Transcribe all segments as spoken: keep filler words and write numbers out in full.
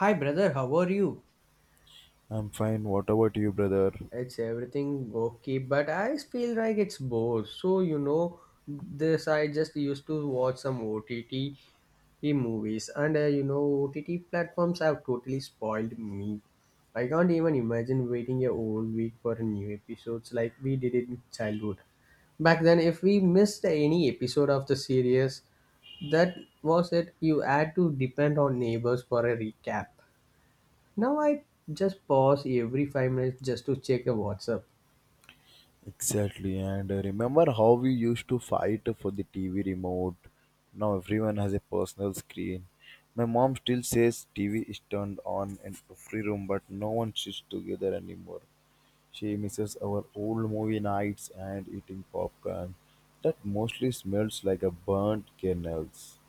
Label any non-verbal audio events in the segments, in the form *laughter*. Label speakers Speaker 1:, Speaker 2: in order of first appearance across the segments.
Speaker 1: Hi brother, how are you?
Speaker 2: I'm fine. What about you, brother?
Speaker 1: It's everything okay, but I feel like it's both. So you know, this I just used to watch some O T T movies, and uh, you know, O T T platforms have totally spoiled me. I can't even imagine waiting a whole week for new episodes like we did in childhood. Back then, if we missed any episode of the series, that was it. You had to depend on neighbors for a recap. Now I just pause every five minutes just to check a WhatsApp.
Speaker 2: Exactly. And uh, remember how we used to fight for the T V remote? Now everyone has a personal screen. My mom still says T V is turned on in every room, but no one sits together anymore. She misses our old movie nights and eating popcorn that mostly smells like a burnt kernels.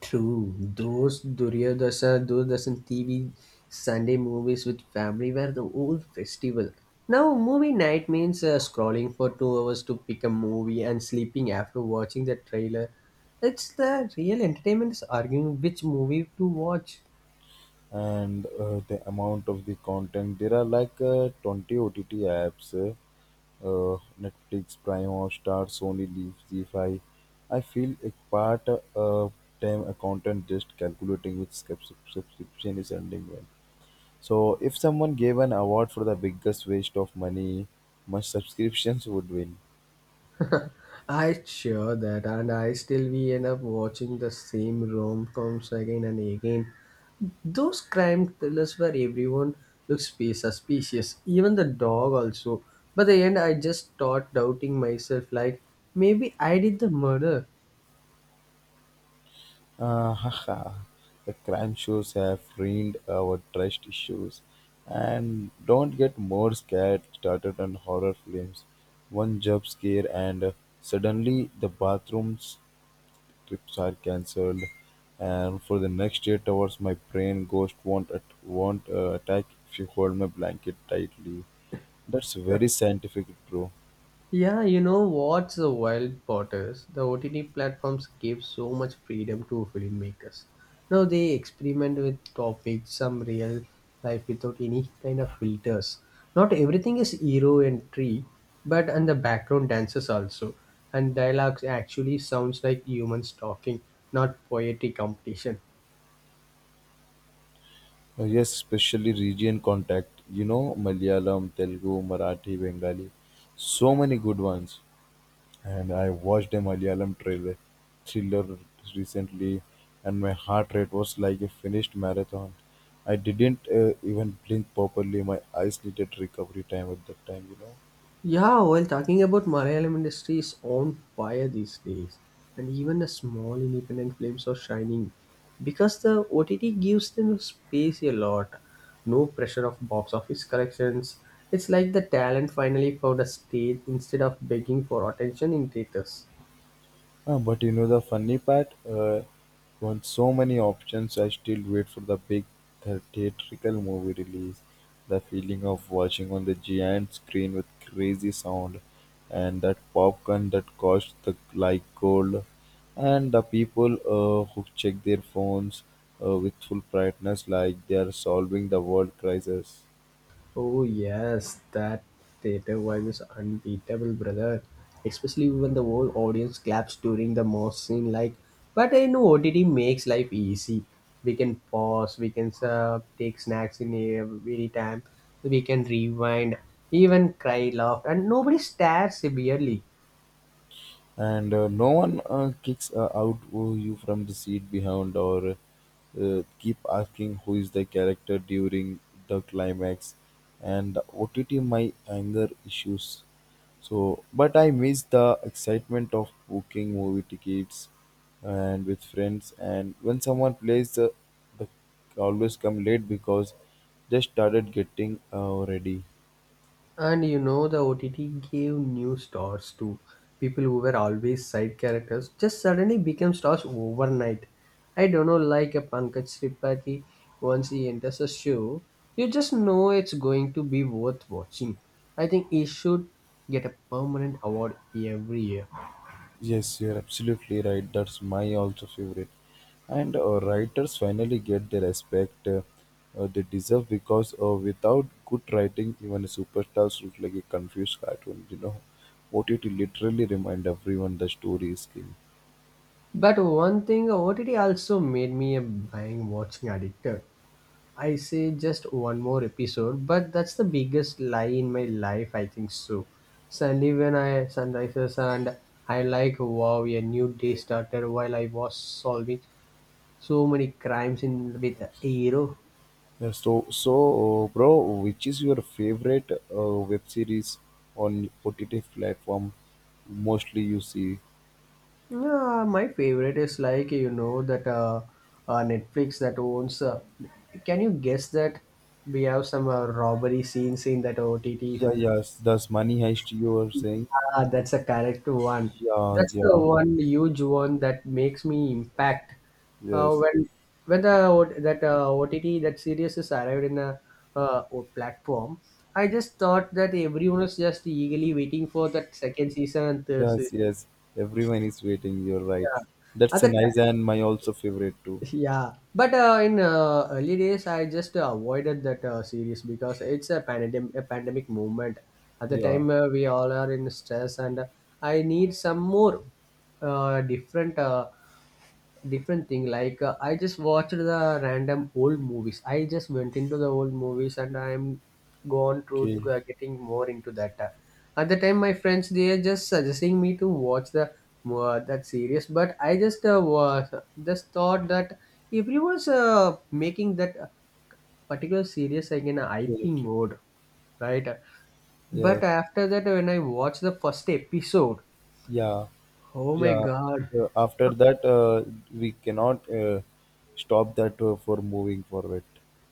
Speaker 1: True, those Duryodhasa, Doordarshan T V Sunday movies with family were the old festival. Now movie night means uh, scrolling for two hours to pick a movie and sleeping after watching the trailer. It's the real entertainment is arguing which movie to watch.
Speaker 2: And uh, the amount of the content, there are like uh, twenty O T T apps. uh, Netflix, Prime, or Star, Sony, Leaf, Z five. I feel a part uh, time accountant just calculating which subs- subscription is ending when. So, if someone gave an award for the biggest waste of money, much subscriptions would win.
Speaker 1: I sure that, and I still we end up watching the same rom coms again and again. Those crime thrillers where everyone looks be suspicious, even the dog also. By the end, I just thought doubting myself, like maybe I did the murder.
Speaker 2: Ah, haha. The crime shows have ruined our trust issues. And don't get more scared started on horror films. One jump scare and suddenly the bathrooms trips are cancelled, and for the next eight hours my brain ghost won't at, won't uh, attack if you hold my blanket tightly. That's very
Speaker 1: *laughs*
Speaker 2: scientific, bro.
Speaker 1: Yeah, you know what's the wild part is the O T T platforms give so much freedom to filmmakers. Now they experiment with topics, some real life without any kind of filters. Not everything is hero and tree, but and the background dances also, and dialogues actually sounds like humans talking, not poetry competition.
Speaker 2: Uh, yes, especially region contact, you know, Malayalam, Telugu, Marathi, Bengali, so many good ones. And I watched a Malayalam trailer, thriller, recently, and my heart rate was like a finished marathon. I didn't uh, even blink properly. My eyes needed recovery time at that time, you know.
Speaker 1: Yeah, well, talking about Malayalam industry is on fire these days, and even the small independent films are shining because the O T T gives them space a lot. No pressure of box office collections. It's like the talent finally found a stage instead of begging for attention in theaters.
Speaker 2: Ah, but you know the funny part? Uh, on so many options, I still wait for the big the theatrical movie release. The feeling of watching on the giant screen with crazy sound, and that popcorn that cost the like gold, and the people uh, who check their phones uh, with full brightness like they are solving the world crisis.
Speaker 1: Oh yes, that theater vibe is unbeatable, brother. Especially when the whole audience claps during the most scene. Like, but I know O T T makes life easy. We can pause. We can uh, take snacks in every time. We can rewind, even cry, laugh, and nobody stares severely.
Speaker 2: And uh, no one uh, kicks uh, out who you from the seat behind, or uh, keep asking who is the character during the climax. And OTT my anger issues. So but I miss the excitement of booking movie tickets and with friends, and when someone plays the, the always come late because they started getting uh, ready.
Speaker 1: And you know, the O T T gave new stars to people who were always side characters, just suddenly became stars overnight. I don't know, like a Pankaj Tripathi, once he enters a show, you just know it's going to be worth watching. I think he should get a permanent award every year.
Speaker 2: Yes, you're absolutely right. That's my also favorite. And uh, writers finally get the respect uh, uh, they deserve because uh, without good writing, even superstars look like a confused cartoon. You know, O T T literally remind everyone the story is king.
Speaker 1: But one thing, O T T also made me a bang watching addicted. I say just one more episode, but that's the biggest lie in my life, I think so. Suddenly, when I sunrises and I like wow a new day started while I was solving so many crimes in with hero.
Speaker 2: Yeah, so, so uh, bro, which is your favorite uh, web series on O T T platform? Mostly you see.
Speaker 1: Yeah, my favorite is like you know that uh, uh Netflix that owns. Uh, can you guess that we have some uh, robbery scenes in that O T T.
Speaker 2: Yeah, yes, that's Money Heist you were saying.
Speaker 1: Ah, that's a correct one.
Speaker 2: Yeah,
Speaker 1: That's the
Speaker 2: yeah,
Speaker 1: one huge one that makes me impact. Uh,
Speaker 2: yes.
Speaker 1: when when the O- that uh, O T T that series is arrived in a uh, o- platform, I just thought that everyone was just eagerly waiting for that second season and third season.
Speaker 2: Yes, yes. Everyone is waiting. You're right.
Speaker 1: Yeah, at
Speaker 2: That's
Speaker 1: the
Speaker 2: a nice
Speaker 1: time.
Speaker 2: and my also favorite too.
Speaker 1: Yeah, but uh, in uh, early days, I just uh, avoided that uh, series because it's a pandemic a pandemic movement. At the
Speaker 2: Yeah.
Speaker 1: time, uh, we all are in stress, and uh, I need some more uh, different uh, different thing like uh, I just watched the random old movies I just went into the old movies and I'm gone to
Speaker 2: Okay.
Speaker 1: uh, getting more into that uh, at the time my friends they are just suggesting me to watch the uh, that series but I just uh, was just thought that everyone's uh, making that uh, particular series like in a ip
Speaker 2: Okay. Okay.
Speaker 1: mode right
Speaker 2: Yeah.
Speaker 1: but after that when I watched the first episode
Speaker 2: Yeah.
Speaker 1: oh my
Speaker 2: Yeah.
Speaker 1: god.
Speaker 2: Uh, after that, uh, we cannot uh, stop that uh, for moving forward.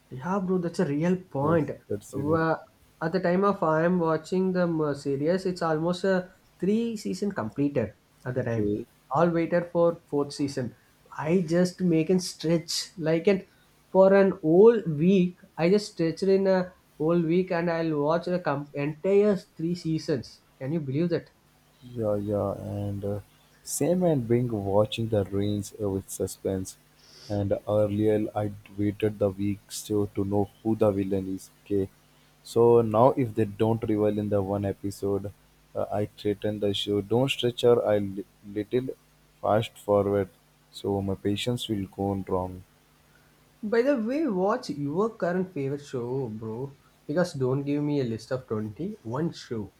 Speaker 1: Yeah, bro, that's a real
Speaker 2: Yes,
Speaker 1: point.
Speaker 2: that's a reason.
Speaker 1: Wha- At the time of I am watching the m- series, it's almost a three season completed at the time.
Speaker 2: Okay.
Speaker 1: All waited for fourth season. I just make and stretch like it for an whole week. I just stretched in a whole week and I'll watch the com- entire three seasons. Can you believe that?
Speaker 2: Yeah, yeah, and uh, same and being watching the rains uh, with suspense. And earlier I waited the weeks to, to know who the villain is. Okay, so now if they don't reveal in the one episode, uh, I threaten the show. Don't stretch her. I li- little fast forward, so my patience will go wrong.
Speaker 1: By the way, watch your current favorite show, bro. Because don't give me a list of twenty one show.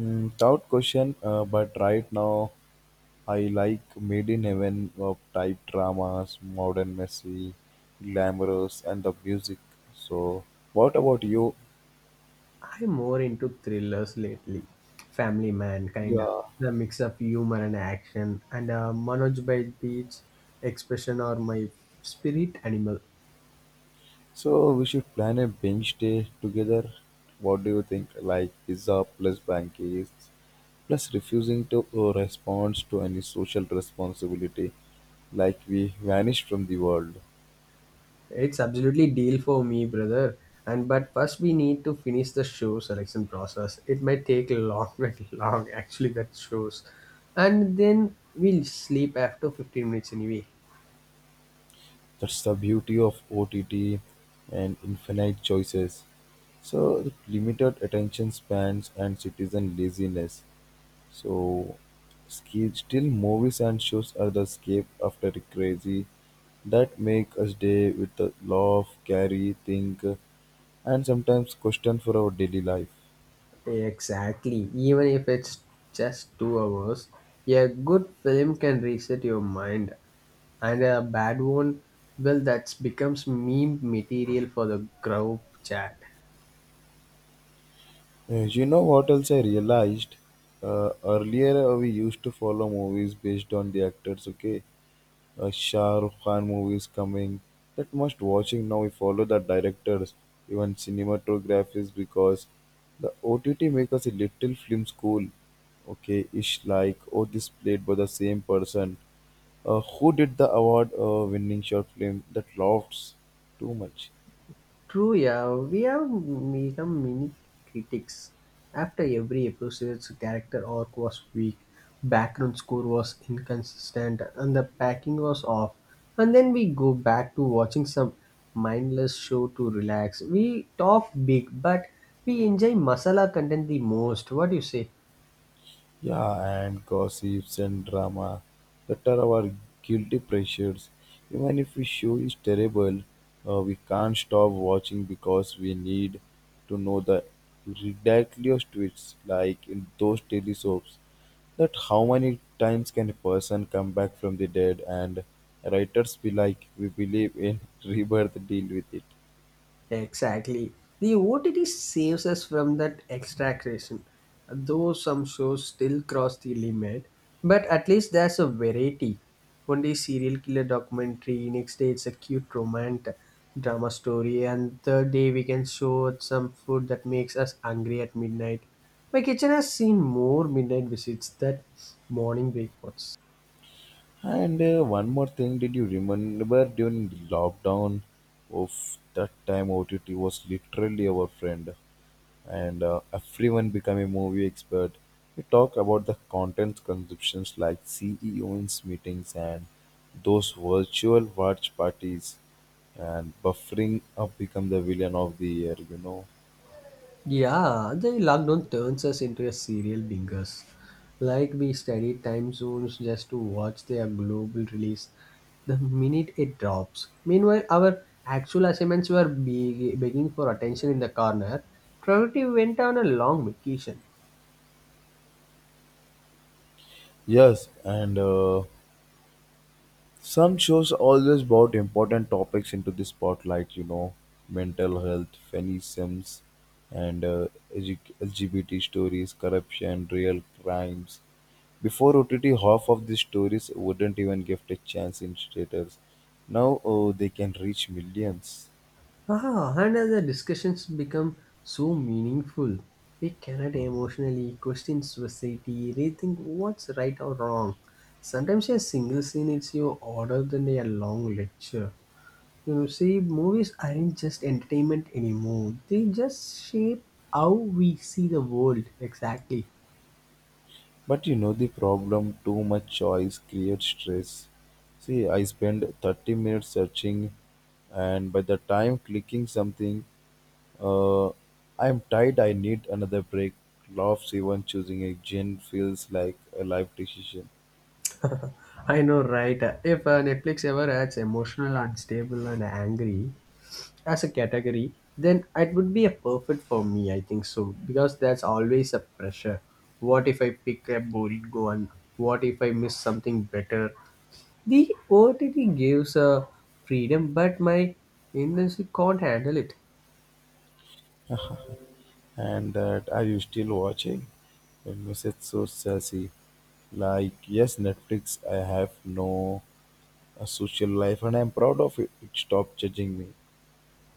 Speaker 2: Mm, tough question, uh, but right now. I like made in medieval type dramas, modern, messy, glamorous, and the music. So, what about you?
Speaker 1: I'm more into thrillers lately. Family Man, kinda.
Speaker 2: Yeah.
Speaker 1: The mix of humor and action, and uh, Manoj by Beach expression are my spirit animal.
Speaker 2: So we should plan a binge day together. What do you think? Like pizza plus pancakes plus refusing to uh, respond to any social responsibility, like we vanish from the world.
Speaker 1: It's absolutely deal for me, brother. And but first we need to finish the show selection process. It might take long, *laughs* very long actually. That shows, and then we'll sleep after fifteen minutes anyway.
Speaker 2: That's the beauty of O T T and infinite choices. So with limited attention spans and citizen laziness. So ski- still movies and shows are the escape after a crazy that make us day with the laugh, carry, think, and sometimes question for our daily life.
Speaker 1: Exactly. Even if it's just two hours, a good film can reset your mind, and a bad one, well, that becomes meme material for the group chat.
Speaker 2: Uh, You know what else I realized? Uh, earlier uh, we used to follow movies based on the actors, okay? uh, Shah Rukh Khan movies coming that must watching now. We follow the directors, even cinematographies because the O T T make us a little film school. Okay, ish like oh this played by the same person. Uh, who did the award uh, winning short film that laughs too much?
Speaker 1: True, yeah, we have become mini critics. After every episode's character arc was weak, background score was inconsistent, and the packing was off. And then we go back to watching some mindless show to relax. We talk big, but we enjoy masala content the most. What do you say?
Speaker 2: Yeah, and gossips and drama that are our guilty pleasures. Even if a show is terrible, uh, we can't stop watching because we need to know the ridiculous twists, like in those daily soaps. That how many times can a person come back from the dead, and writers be like, we believe in *laughs* rebirth, deal with it.
Speaker 1: Exactly. The O T T saves us from that extraction, though some shows still cross the limit. But at least there's a variety. One day serial killer documentary, next day it's a cute romantic drama story, and third day we can show some food that makes us hungry at midnight. My kitchen has seen more midnight visits than morning breakfasts.
Speaker 2: And uh, one more thing, did you remember during the lockdown of that time O T T was literally our friend, and uh, everyone became a movie expert. We talk about the content consumptions like C E Os meetings and those virtual watch parties and buffering up become the villain of the year, you know.
Speaker 1: Yeah, the lockdown turns us into a serial bingers. Like we study time zones just to watch their global release the minute it drops. Meanwhile, our actual assignments were be- begging for attention in the corner. Priority went on a long vacation.
Speaker 2: Yes, and uh, some shows always brought important topics into the spotlight, you know, mental health, feminisms, and uh, edu- L G B T stories, corruption, real crimes. Before O T T, half of these stories wouldn't even get a chance in theaters. Now oh, they can reach millions.
Speaker 1: Ah, and as the discussions become so meaningful, we cannot emotionally question society, rethink what's right or wrong. Sometimes a single scene is your order than a long lecture. You know, see, movies aren't just entertainment anymore. They just shape how we see the world. Exactly.
Speaker 2: But you know the problem too much choice creates stress. See, I spend thirty minutes searching, and by the time clicking something, Uh, I'm tired, I need another break. Laughs even choosing a gin feels like a life decision.
Speaker 1: *laughs* I know, right? If uh, Netflix ever adds emotional, unstable, and angry as a category, then it would be a perfect for me. I think so because that's always a pressure. What if I pick a boring one? What if I miss something better? The O T T gives a freedom, but my industry can't handle it.
Speaker 2: And that are you still watching? A message so sassy. Like, yes, Netflix, I have no a social life and I'm proud of it. It stopped judging me.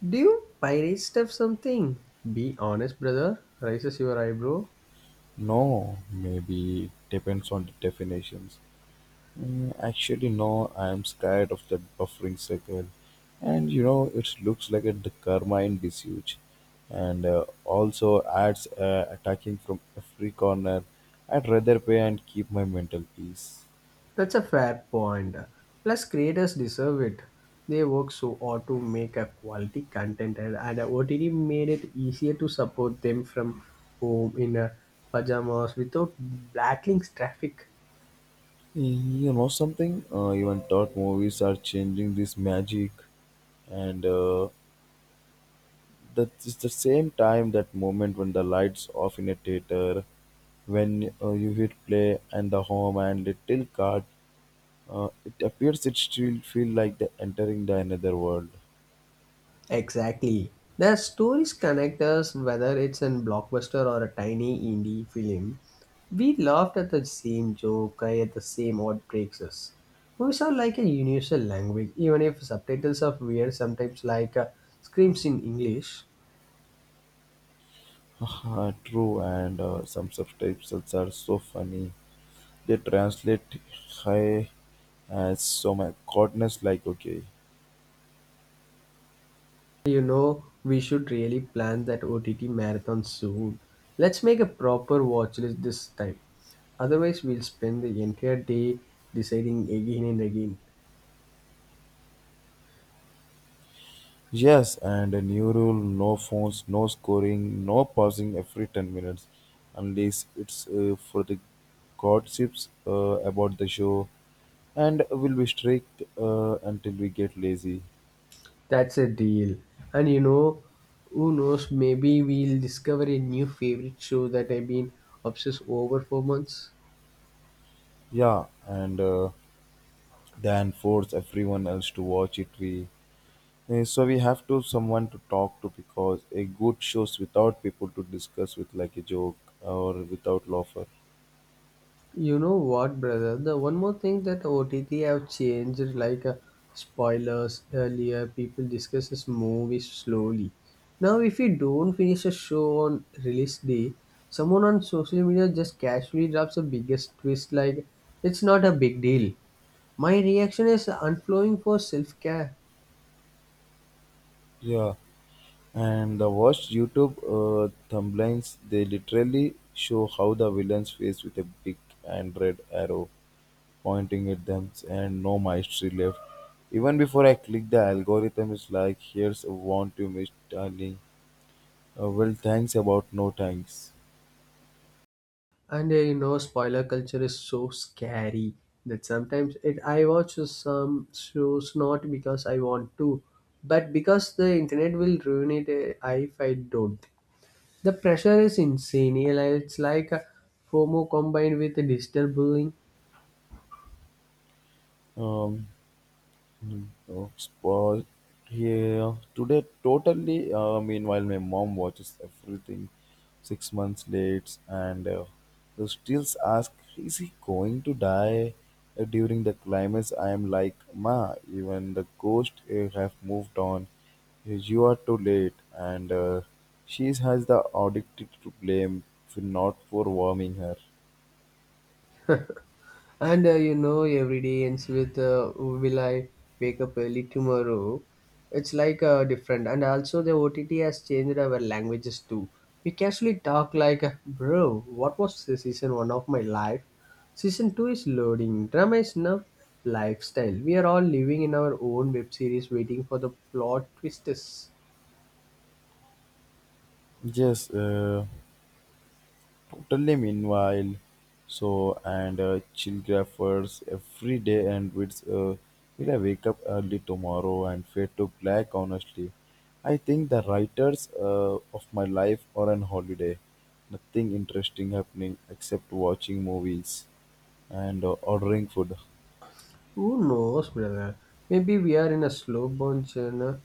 Speaker 1: Do you pirate stuff something? Be honest, brother. Raises your eyebrow.
Speaker 2: No, maybe depends on the definitions. Mm, actually, no, I'm scared of that buffering circle. And you know, it looks like a the karma in disuse. And uh, also ads uh, attacking from every corner. I'd rather pay and keep my mental peace.
Speaker 1: That's a fair point. Plus, creators deserve it. They work so hard to make a quality content, and, and O T T made it easier to support them from home in uh, pajamas without blacklinks traffic.
Speaker 2: Mm, you know something? Uh, even thought movies are changing this magic. And uh, that is the same time, that moment when the lights off in a theater, when uh, you hit play and the home and little card Uh, it appears it still feel like the entering the another world.
Speaker 1: Exactly. Their stories connect us whether it's in blockbuster or a tiny indie film. We laughed at the same joke, cry at the same odd breaks us. Movies are like a universal language, even if subtitles are weird, sometimes like uh, screams in English.
Speaker 2: *laughs* True, and uh, some subtitles are so funny. They translate "hi" as so my goodness, like okay.
Speaker 1: You know, we should really plan that O T T marathon soon. Let's make a proper watch list this time. Otherwise, we'll spend the entire day deciding again and again.
Speaker 2: Yes, and a new rule: no phones, no scoring, no pausing every ten minutes, unless it's uh, for the gossips uh, about the show, and we'll be strict uh, until we get lazy.
Speaker 1: That's a deal. And you know, who knows, maybe we'll discover a new favorite show that I've been obsessed over for months.
Speaker 2: Yeah, and uh, than force everyone else to watch it. We eh, so we have to someone to talk to because a good shows without people to discuss with like a joke or without laughter.
Speaker 1: You know what, brother? The one more thing that O T T have changed, like uh, spoilers earlier, people discusses movies slowly. Now, if you don't finish a show on release day, someone on social media just casually drops a biggest twist like it's not a big deal. My reaction is unflowing for self care.
Speaker 2: Yeah, and the worst YouTube uh, thumbnails they literally show how the villain's face with a big and red arrow pointing at them and no mastery left. Even before I click the algorithm is like here's a want to miss darling. Uh, well thanks about no thanks.
Speaker 1: And uh, you know, spoiler culture is so scary that sometimes it I watch some shows not because I want to, but because the internet will ruin it uh, if I don't. The pressure is insane, yeah, like, it's like a FOMO combined with digital bullying.
Speaker 2: Um, Dogs was yeah today totally. Uh, meanwhile, my mom watches everything six months late, and uh, the stills ask, "Is he going to die uh, during the climax?" I am like, "Ma, even the ghosts uh, have moved on. You are too late." And uh, she has the audacity to blame for not for warming her.
Speaker 1: *laughs* And uh, you know, every day ends with uh, "Will I wake up early tomorrow?" It's like uh, different, and also the O T T has changed our languages too. We casually talk like, "Bro, what was the season one of my life? Season two is loading. Drama is now lifestyle. We are all living in our own web series, waiting for the plot twists."
Speaker 2: Yes. Uh, Totally meanwhile, so and uh, chillgraphers every day and with uh, will I wake up early tomorrow and fade to black honestly. I think the writers uh, of my life are on holiday. Nothing interesting happening except watching movies and uh, ordering food.
Speaker 1: Who knows, brother? Maybe we are in a slow burn journey.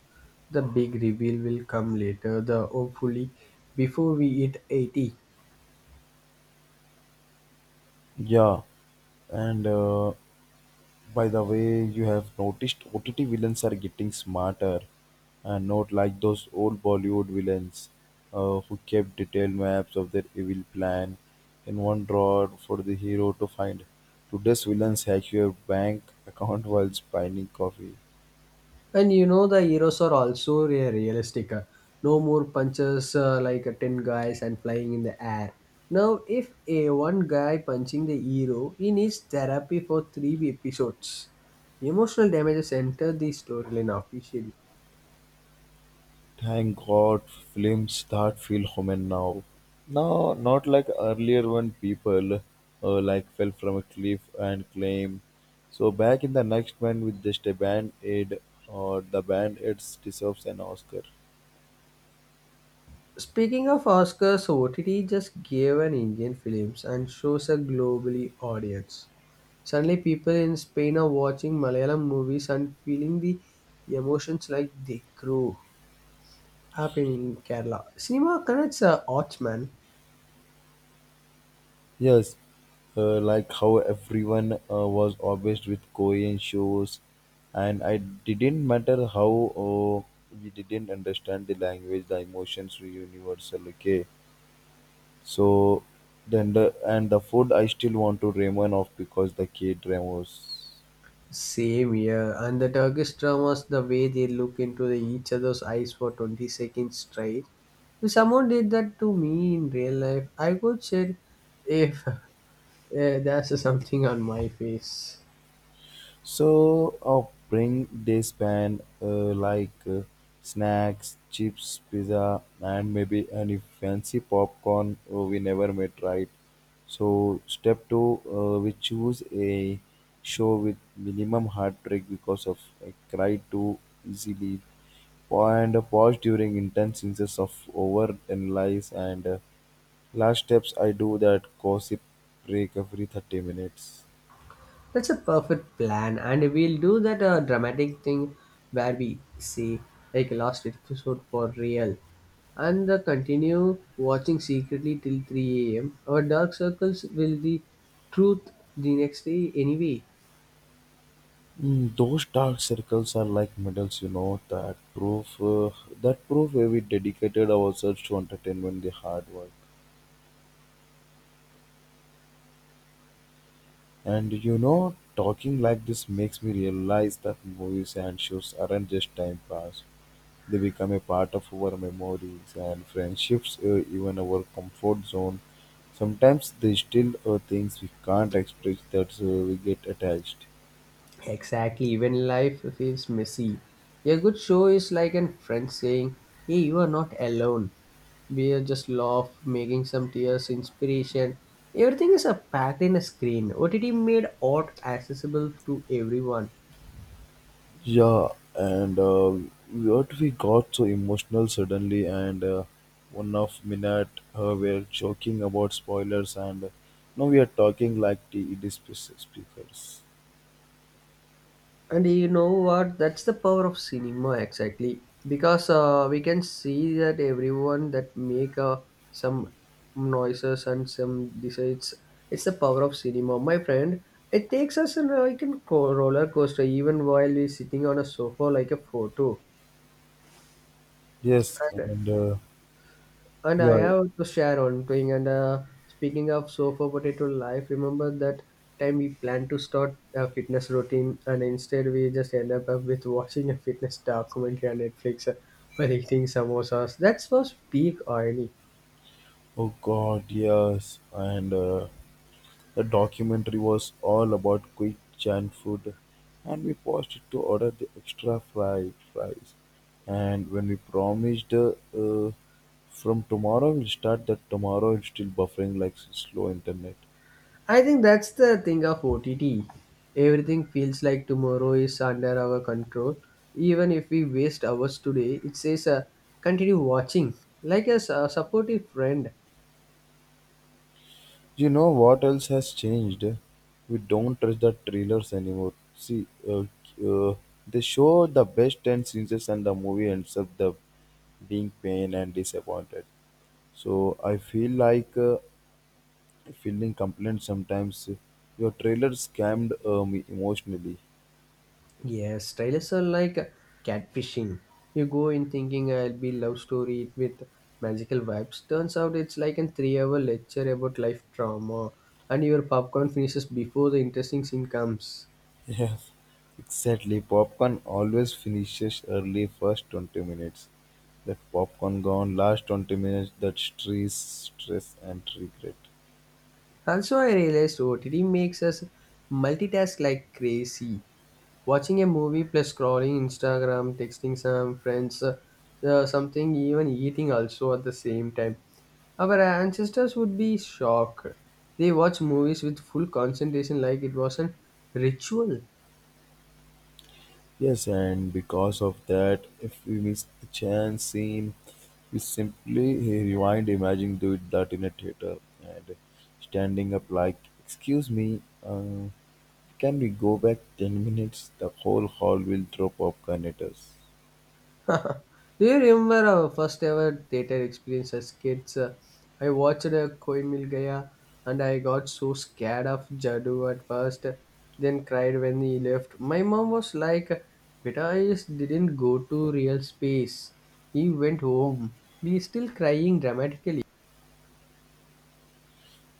Speaker 1: The big reveal will come later, the hopefully before we hit eighty.
Speaker 2: Yeah, and uh, by the way, you have noticed O T T villains are getting smarter and not like those old Bollywood villains uh, who kept detailed maps of their evil plan in one drawer for the hero to find. Today's villains hack your bank account while spying coffee.
Speaker 1: And you know the heroes are also re- realistic. uh, No more punches uh, like uh, ten guys and flying in the air. Now if a one guy punching the hero, he needs therapy for three episodes. Emotional damages enter the storyline officially.
Speaker 2: Thank God, films that feel human now. Now, not like earlier when people uh, like fell from a cliff and claim. So back in the next one with just a band aid or the band aid deserves an Oscar.
Speaker 1: Speaking of Oscars, O T T just gave an Indian films and shows a globally audience. Suddenly, people in Spain are watching Malayalam movies and feeling the emotions like they grew up in Kerala. Cinema connects uh, arts, man.
Speaker 2: Yes, uh, like how everyone uh, was obsessed with Korean shows, and I didn't matter how uh, we didn't understand the language, the emotions were universal. Okay, so then the and the food I still want to ramen of because the K dramas.
Speaker 1: Same here, and the Turkish dramas, the way they look into the, each other's eyes for twenty seconds straight. If someone did that to me in real life, I would say, if *laughs* uh, there's something on my face.
Speaker 2: So I'll bring this band uh, like uh, snacks, chips, pizza, and maybe any fancy popcorn uh, we never met. Right. So step two, uh, we choose a show with minimum heartbreak because of I cry too easily and a pause during intense instances of over analyze and uh, last steps I do that gossip break every thirty minutes.
Speaker 1: That's a perfect plan, and we'll do that uh, dramatic thing where we say, like, last episode for real, and uh, continue watching secretly till three a m. Our dark circles will the truth the next day anyway.
Speaker 2: Mm, those dark circles are like medals, you know, that prove uh, that prove where we dedicated ourselves to entertainment, the hard work. And you know, talking like this makes me realize that movies and shows aren't just time pass. They become a part of our memories and friendships, uh, even our comfort zone. Sometimes they still are things we can't express that uh, we get attached.
Speaker 1: Exactly, when life feels messy. A good show is like a friend saying, hey, you are not alone. We are just laugh, making some tears, inspiration. Everything is a packed in a screen. O T T made art accessible to everyone.
Speaker 2: Yeah, and uh, what we got so emotional suddenly, and uh, one of minute uh, we're joking about spoilers, and uh, now we are talking like TED spe- speakers.
Speaker 1: And you know what? That's the power of cinema exactly because uh, we can see that everyone that make uh, some noises and some decides it's the power of cinema, my friend. It takes us on a, like a co- roller coaster even while we're sitting on a sofa like a photo.
Speaker 2: Yes,
Speaker 1: And
Speaker 2: and uh,
Speaker 1: And I
Speaker 2: yeah,
Speaker 1: have to share one thing. And uh, Speaking of sofa potato life, remember that time we planned to start a fitness routine, and instead we just end up with watching a fitness documentary on Netflix uh, while eating samosas. That's was peak irony.
Speaker 2: oh God, yes, and. Uh, The documentary was all about quick giant food, and we paused to order the extra fried fries. And when we promised, uh, uh, from tomorrow we'll start, that tomorrow it's still buffering like slow internet.
Speaker 1: I think that's the thing of O T T. Everything feels like tomorrow is under our control. Even if we waste hours today, it says uh, continue watching, like a su- supportive friend.
Speaker 2: You know what else has changed? We don't trust the trailers anymore. See, uh, uh, they show the best ten scenes and the movie ends up the being pain and disappointed. So I feel like uh, fielding complaints sometimes. Your trailer scammed uh, me emotionally.
Speaker 1: Yes, trailers are like catfishing. You go in thinking I'll be love story with magical vibes. Turns out it's like a three-hour lecture about life trauma, and your popcorn finishes before the interesting scene comes.
Speaker 2: *laughs* Yes, exactly. Popcorn always finishes early first twenty minutes. That popcorn gone last twenty minutes, that stress, stress and regret.
Speaker 1: Also, I realized O T T makes us multitask like crazy. Watching a movie plus scrolling Instagram, texting some friends, uh, uh, something, even eating also at the same time. Our ancestors would be shocked. They watch movies with full concentration like it was a ritual.
Speaker 2: Yes, and because of that, if we miss a chance scene, we simply rewind, imagine do it that in a theater and standing up like, excuse me, uh, can we go back ten minutes? The whole hall will throw popcorn at us.
Speaker 1: *laughs* Do you remember our first ever theater experience as kids? Uh, I watched uh, Koi Mil Gaya and I got so scared of Jadoo at first, then cried when he left. My mom was like, Beta is didn't go to real space. He went home. We still crying dramatically.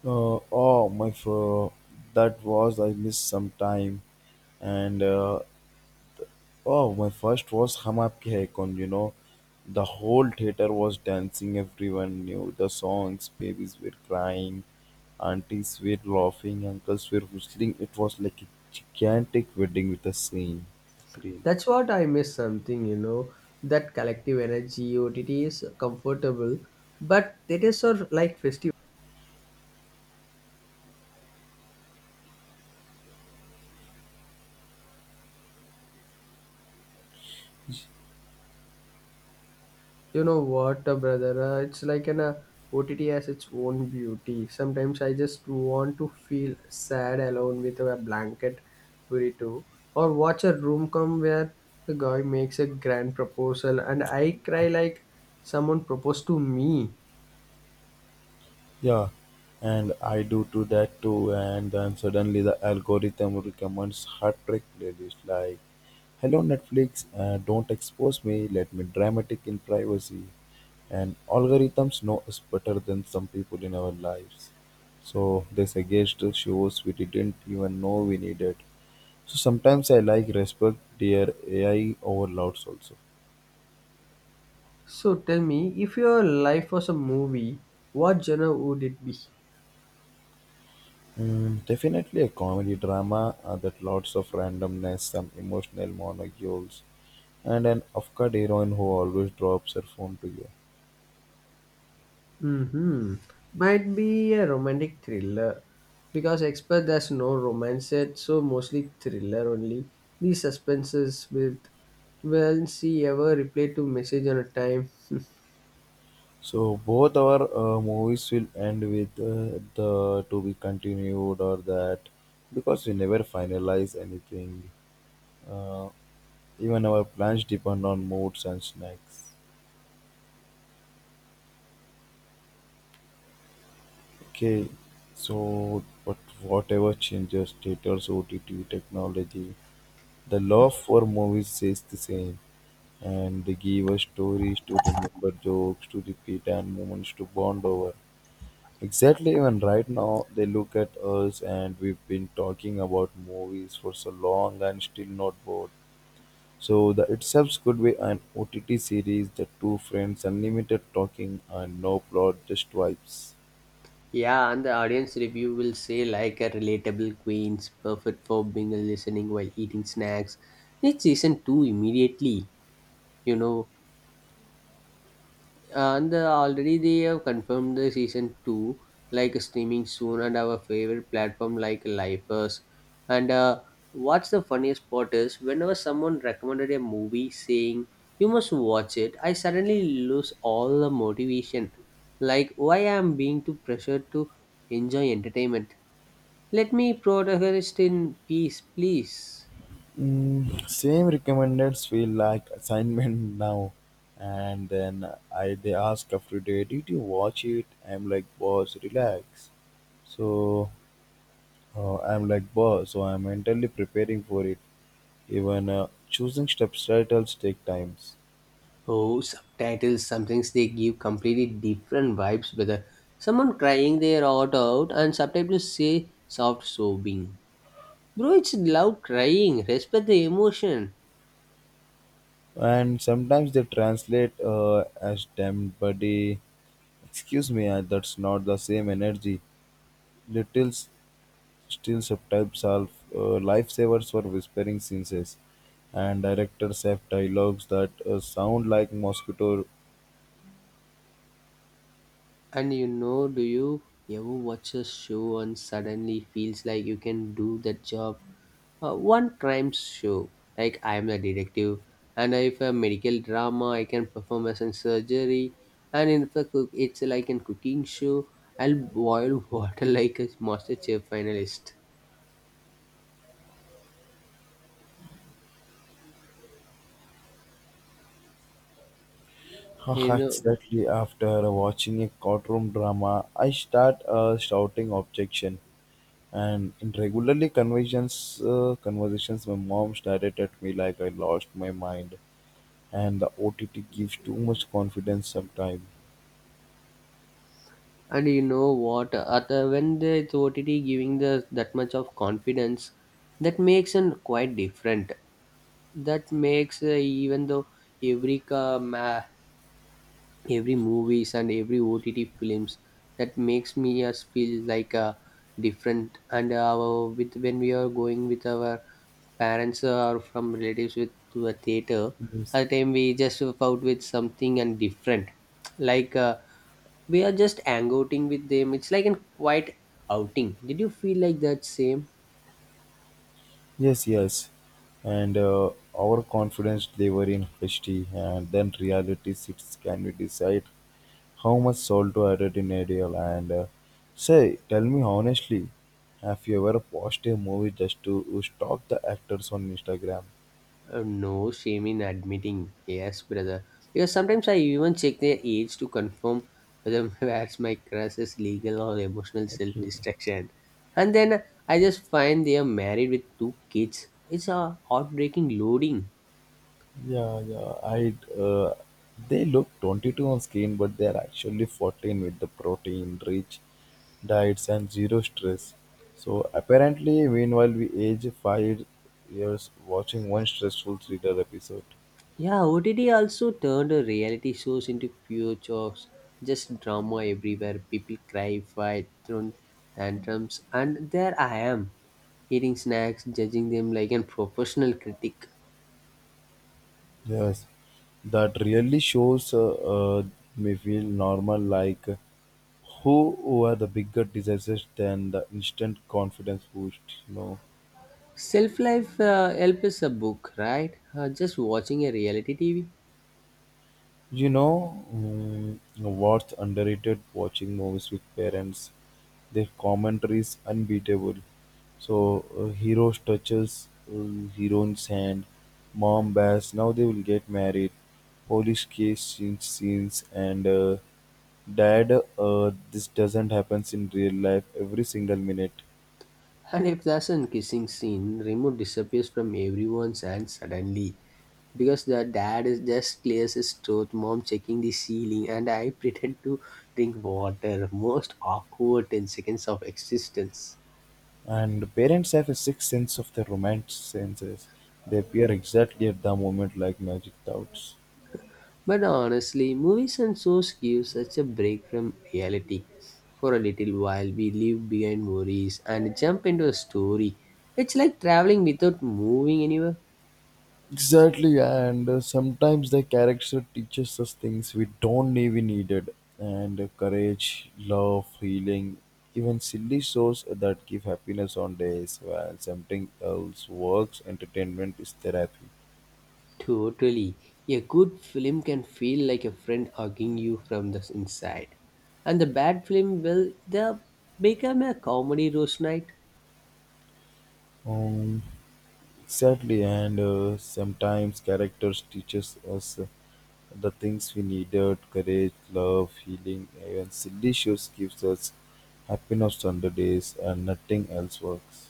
Speaker 2: Uh, oh my, fir- that was I missed some time, and uh, oh my first was Hum Aapke Hai Kaun. You know, the whole theater was dancing. Everyone knew the songs. Babies were crying, aunties were laughing, uncles were whistling. It was like a gigantic wedding with a scene. Screen.
Speaker 1: That's what I miss something, you know. That collective energy, O T T is comfortable, but theaters are like festivals. You know what, uh, brother? Uh, it's like an uh, O T T has its own beauty. Sometimes I just want to feel sad alone with a blanket burrito or watch a room come where the guy makes a grand proposal and I cry like someone proposed to me.
Speaker 2: Yeah, and I do to that too, and then suddenly the algorithm recommends heartbreak trick playlist like hello Netflix, uh, don't expose me, let me dramatic in privacy. And algorithms know us better than some people in our lives. So they suggest us shows we didn't even know we needed. So sometimes I like respect dear A I overloads also.
Speaker 1: So tell me, if your life was a movie, what genre would it be?
Speaker 2: Mm, definitely a comedy drama uh, that lots of randomness, some emotional monocules, and an off-cut heroine who always drops her phone to you.
Speaker 1: hmm Might be a romantic thriller because expert there's no romance yet, so mostly thriller only. These suspenses with well see ever reply to message on a time.
Speaker 2: So both our uh, movies will end with uh, the to be continued or that because we never finalize anything. Uh, even our plans depend on moods and snacks. Okay, so but whatever changes, theaters, O T T, technology, the love for movies stays the same. And they gave us stories to remember, jokes to repeat, and moments to bond over. Exactly, even right now, they look at us and we've been talking about movies for so long and still not bored. So, the itself could be an O T T series, the two friends, unlimited talking, and no plot, just vibes.
Speaker 1: Yeah, and the audience review will say like a relatable queens, perfect for binge listening while eating snacks. It's season two immediately, you know. and uh, already they have confirmed the season two like streaming soon and our favorite platform like lifers and uh, what's the funniest part is whenever someone recommended a movie saying you must watch it, I suddenly lose all the motivation, like why I am being too pressured to enjoy entertainment, let me protagonist in peace please.
Speaker 2: Mm, same recommended feel like assignment *laughs* now and then I they ask after day did you watch it I'm like boss relax. So uh, I'm like boss, so I'm mentally preparing for it. Even uh, choosing subtitles take times,
Speaker 1: Oh, subtitles, sometimes they give completely different vibes, brother. Someone crying their heart out and subtitles say soft sobbing. Bro, it's loud crying. Respect the emotion.
Speaker 2: and sometimes they translate uh, as "damn buddy." Excuse me, uh, that's not the same energy. Little s- still subtypes are uh, lifesavers for whispering senses, and directors have dialogues that uh, sound like mosquito.
Speaker 1: And you know, do you ever watch a show and suddenly feels like you can do that job? Uh, one crime show, like I am a detective, and if a medical drama, I can perform as in surgery, and if a cook, it's like a cooking show, I'll boil water *laughs* like a master chef finalist.
Speaker 2: *laughs*
Speaker 1: You know,
Speaker 2: Exactly after watching a courtroom drama, I start uh, shouting objection. And in regularly conversations, uh, conversations, my mom stared at me like I lost my mind. And the O T T gives too much confidence sometimes.
Speaker 1: and you know what? At the, when the O T T giving the that much of confidence, that makes it quite different, that makes uh, even though every ca- ma- every movies and every O T T films, that makes me us feel like uh, different and uh, our with when we are going with our parents or from relatives with to a theater
Speaker 2: Yes,
Speaker 1: at the time we just out with something and different like uh, we are just hangouting with them, it's like a quiet outing, did you feel like that same?
Speaker 2: yes, yes. And uh, our confidence lever in H D, and then reality sits. Can we decide how much salt to add it in a deal? And uh, say, tell me honestly, have you ever watched a movie just to stalk the actors on Instagram?
Speaker 1: Uh, no shame in admitting, yes, brother. Because sometimes I even check their age to confirm whether *laughs* perhaps my crush is legal or emotional self
Speaker 2: Okay.
Speaker 1: destruction. And then I just find they are married with two kids. It's a heartbreaking loading.
Speaker 2: Yeah, yeah. I uh, they look twenty-two on screen, but they are actually fourteen with the protein-rich diets and zero stress. So apparently, meanwhile, we age five years watching one stressful thriller episode.
Speaker 1: Yeah, O T T also turned a reality shows into pure jobs. Just drama everywhere. People cry, fight, throw tantrums, and there I am, eating snacks, judging them like a professional critic.
Speaker 2: Yes, that really shows uh, uh, me feel normal like who were the bigger disasters than the instant confidence boost, you know.
Speaker 1: Self Life uh, Help is a book, right? Uh, just watching a reality T V.
Speaker 2: You know mm, what's underrated? Watching movies with parents. Their commentary is unbeatable. So, uh, hero touches uh, heroine's hand. Mom bears. Now they will get married. Police case scene- scenes and uh, dad. Uh, this doesn't happen in real life every single minute.
Speaker 1: And if there's a kissing scene, remote disappears from everyone's hand suddenly. Because the dad is just clears his throat, mom checking the ceiling, and I *laughs* pretend to drink water. Most awkward ten seconds of existence.
Speaker 2: And parents have a sixth sense of the romance senses. They appear exactly at the moment like magic dots.
Speaker 1: But honestly, movies and shows give such a break from reality. For a little while, we leave behind worries and jump into a story. It's like traveling without moving anywhere.
Speaker 2: Exactly, and uh, sometimes the character teaches us things we don't even needed, and uh, courage, love, healing, even silly shows that give happiness on days while something else works. Entertainment is therapy.
Speaker 1: Totally. A good film can feel like a friend hugging you from the inside. And the bad film, well, they become a comedy roast night.
Speaker 2: Um, exactly, and uh, sometimes characters teaches us uh, the things we needed: courage, love, healing, even silly shows gives us happiness on the days, and nothing else works.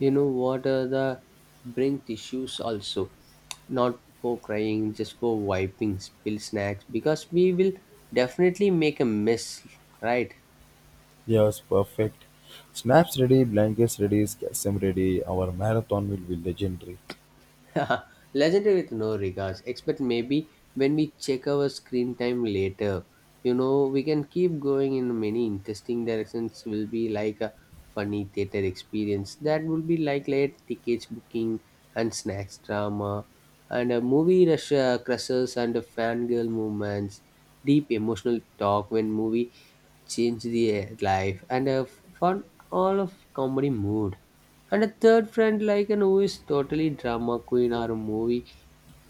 Speaker 1: You know what are the brink tissues also? Not for crying, just for wiping, spill snacks, because we will definitely make a mess, right?
Speaker 2: Yes, perfect. Snaps ready, blankets ready, Kasim ready. Our marathon will be legendary.
Speaker 1: *laughs* Legendary with no regards, except maybe when we check our screen time later. You know, we can keep going in many interesting directions, will be like a funny theater experience. That will be like late tickets booking and snacks drama, and a movie rush uh, crushes and a fangirl movements, deep emotional talk when movie change the uh, life, and a fun all of comedy mood. And a third friend, like an who is totally drama queen or a movie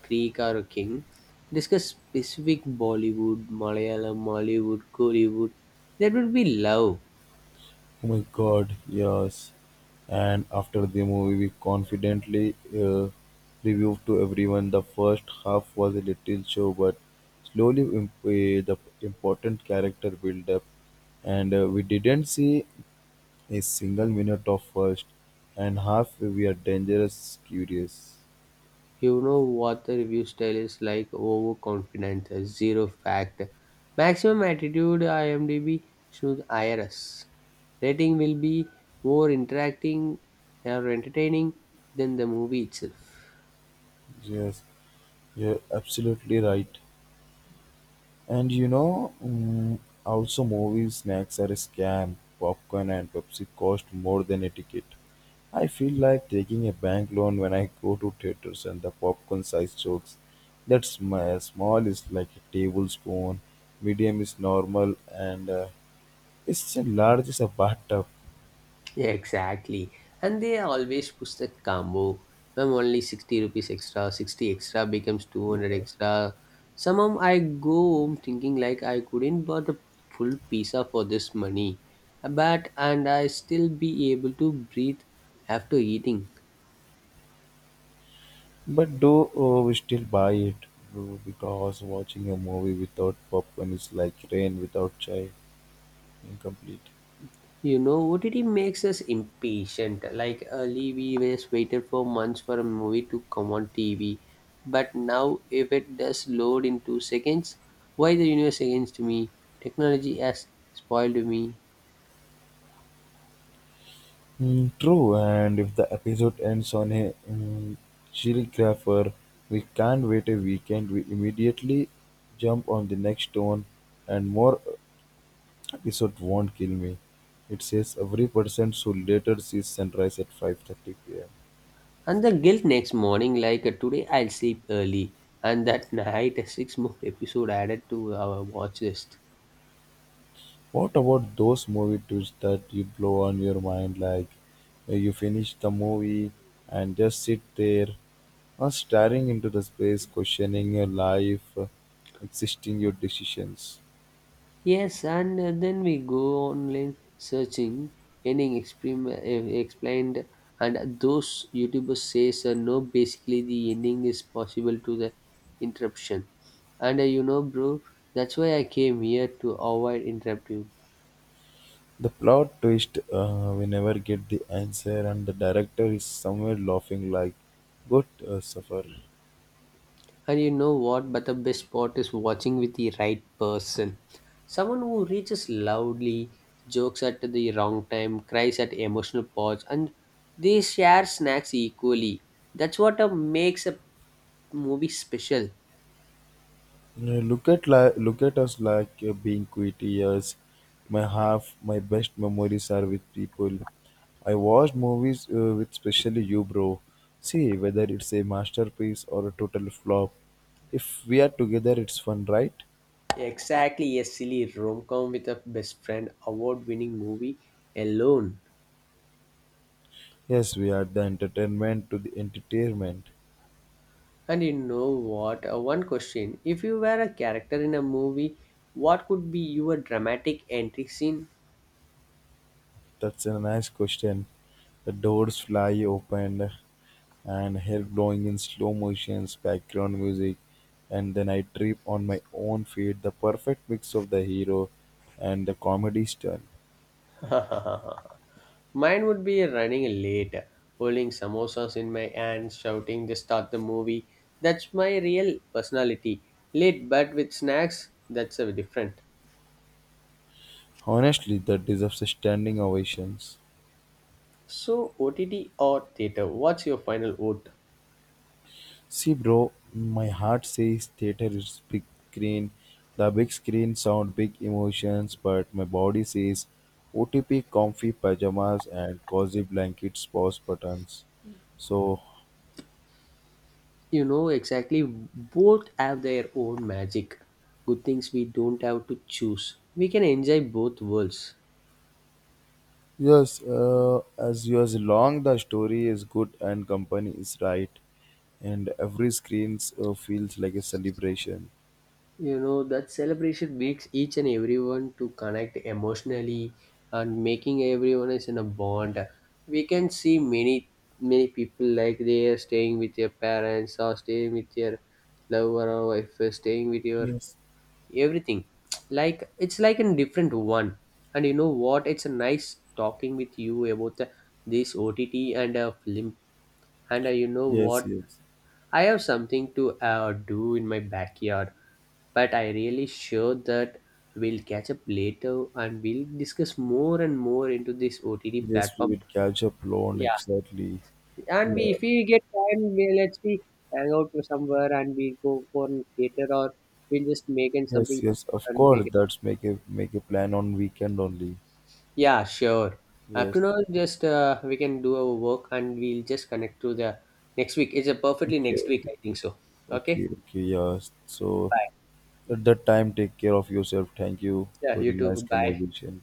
Speaker 1: creek or a king, discuss specific Bollywood, Malayalam, Mollywood, Kollywood. That would be love.
Speaker 2: Oh my god, yes. And after the movie, we confidently uh, reviewed to everyone. The first half was a little show, but slowly imp- uh, the important character build up. And uh, we didn't see a single minute of first. And half, we are dangerous, curious.
Speaker 1: You know what the review style is like overconfident, uh, zero fact. Maximum attitude IMDb should I R S. Rating will be more interacting or entertaining than the movie itself.
Speaker 2: Yes, you're absolutely right. And you know, mm, also movie snacks are a scam. Popcorn and Pepsi cost more than a ticket. I feel like taking a bank loan when I go to theaters and the popcorn size jokes. That's my small is like a tablespoon, medium is normal, and uh, it's a large is a bathtub.
Speaker 1: Yeah, exactly. And they always push the combo. When only sixty rupees extra, sixty extra becomes two hundred extra. Somehow I go home thinking like I couldn't buy the full pizza for this money. But and I still be able to breathe after eating.
Speaker 2: But do uh, we still buy it? Bro, because watching a movie without popcorn is like rain without chai. Incomplete.
Speaker 1: You know, O T T makes us impatient. Like early, we always waited for months for a movie to come on T V. But now, if it does load in two seconds, why the universe against me? Technology has spoiled me.
Speaker 2: Mm, true, and if the episode ends on a mm, chirographer, we can't wait a weekend. We immediately jump on the next one, and more episode won't kill me. It says every person should later see sunrise at five thirty p m.
Speaker 1: And the guilt next morning, like uh, today, I'll sleep early. And that night, *laughs* six more episode added to our watch list.
Speaker 2: What about those movie twists that you blow on your mind, like uh, you finish the movie and just sit there, or staring into the space, questioning your life, uh, insisting your decisions.
Speaker 1: Yes, and uh, then we go online searching, ending explain, explained, and those YouTubers says uh, no. Basically, the ending is possible to the interruption, and uh, you know, bro, that's why I came here to avoid interrupting.
Speaker 2: The plot twist uh, we never get the answer, and the director is somewhere laughing like, "Good uh, suffer."
Speaker 1: And you know what? But the best part is watching with the right person. Someone who reaches loudly, jokes at the wrong time, cries at emotional parts, and they share snacks equally. That's what uh, makes a movie special.
Speaker 2: Uh, Look at li- look at us like uh, being quit years. My half my best memories are with people. I watched movies uh, with especially you, bro. See whether it's a masterpiece or a total flop. If we are together, it's fun, right?
Speaker 1: Exactly, a silly rom com with a best friend award winning movie alone.
Speaker 2: Yes, we are the entertainment to the entertainment.
Speaker 1: And you know what? Uh, one question. If you were a character in a movie, what could be your dramatic entry scene?
Speaker 2: That's a nice question. The doors fly open and hair blowing in slow motions, background music, and then I trip on my own feet. The perfect mix of the hero and the comedy style.
Speaker 1: Mine would be running late, holding samosas in my hands, shouting, just start the movie. That's my real personality. Late but with snacks, that's a different.
Speaker 2: Honestly, that deserves a standing ovations.
Speaker 1: So, O T T or theatre, what's your final vote?
Speaker 2: See, bro, my heart says theater is big screen. The big screen sound big emotions, but my body says O T P comfy pajamas and cozy blankets, pause buttons. So
Speaker 1: You know exactly, both have their own magic. Good things we don't have to choose. We can enjoy both worlds.
Speaker 2: yes, uh, as you as long the story is good and company is right, and every screens uh, feels like a celebration.
Speaker 1: You know that celebration makes each and everyone to connect emotionally and making everyone is in a bond. We can see many many people like they are staying with their parents or staying with their lover or wife or staying with your
Speaker 2: Yes,
Speaker 1: everything, like it's like a different one. And you know what, it's a nice talking with you about the, this ott and a film, and uh, you know
Speaker 2: yes,
Speaker 1: what,
Speaker 2: yes,
Speaker 1: I have something to uh, do in my backyard, but I really sure that we'll catch up later and we'll discuss more and more into this O T T
Speaker 2: yes. We
Speaker 1: platform.
Speaker 2: will catch up loan
Speaker 1: Yeah,
Speaker 2: exactly.
Speaker 1: and we
Speaker 2: Yeah,
Speaker 1: if we get time, we let's we hang out to somewhere and we go for a theater or we'll just make in
Speaker 2: yes,
Speaker 1: something
Speaker 2: yes. Of
Speaker 1: and make
Speaker 2: course,
Speaker 1: it.
Speaker 2: that's make a make a plan on weekend only.
Speaker 1: Yeah, sure. After
Speaker 2: Yes.
Speaker 1: now, just uh, we can do our work and we'll just connect to the next week. It's a perfectly
Speaker 2: Okay,
Speaker 1: next week,
Speaker 2: okay,
Speaker 1: I think so.
Speaker 2: okay,
Speaker 1: Okay.
Speaker 2: okay. Yes. So
Speaker 1: Bye.
Speaker 2: at that time, take care of yourself. Thank you
Speaker 1: Yeah,
Speaker 2: for
Speaker 1: you
Speaker 2: the
Speaker 1: too.
Speaker 2: nice
Speaker 1: Bye.
Speaker 2: conversation.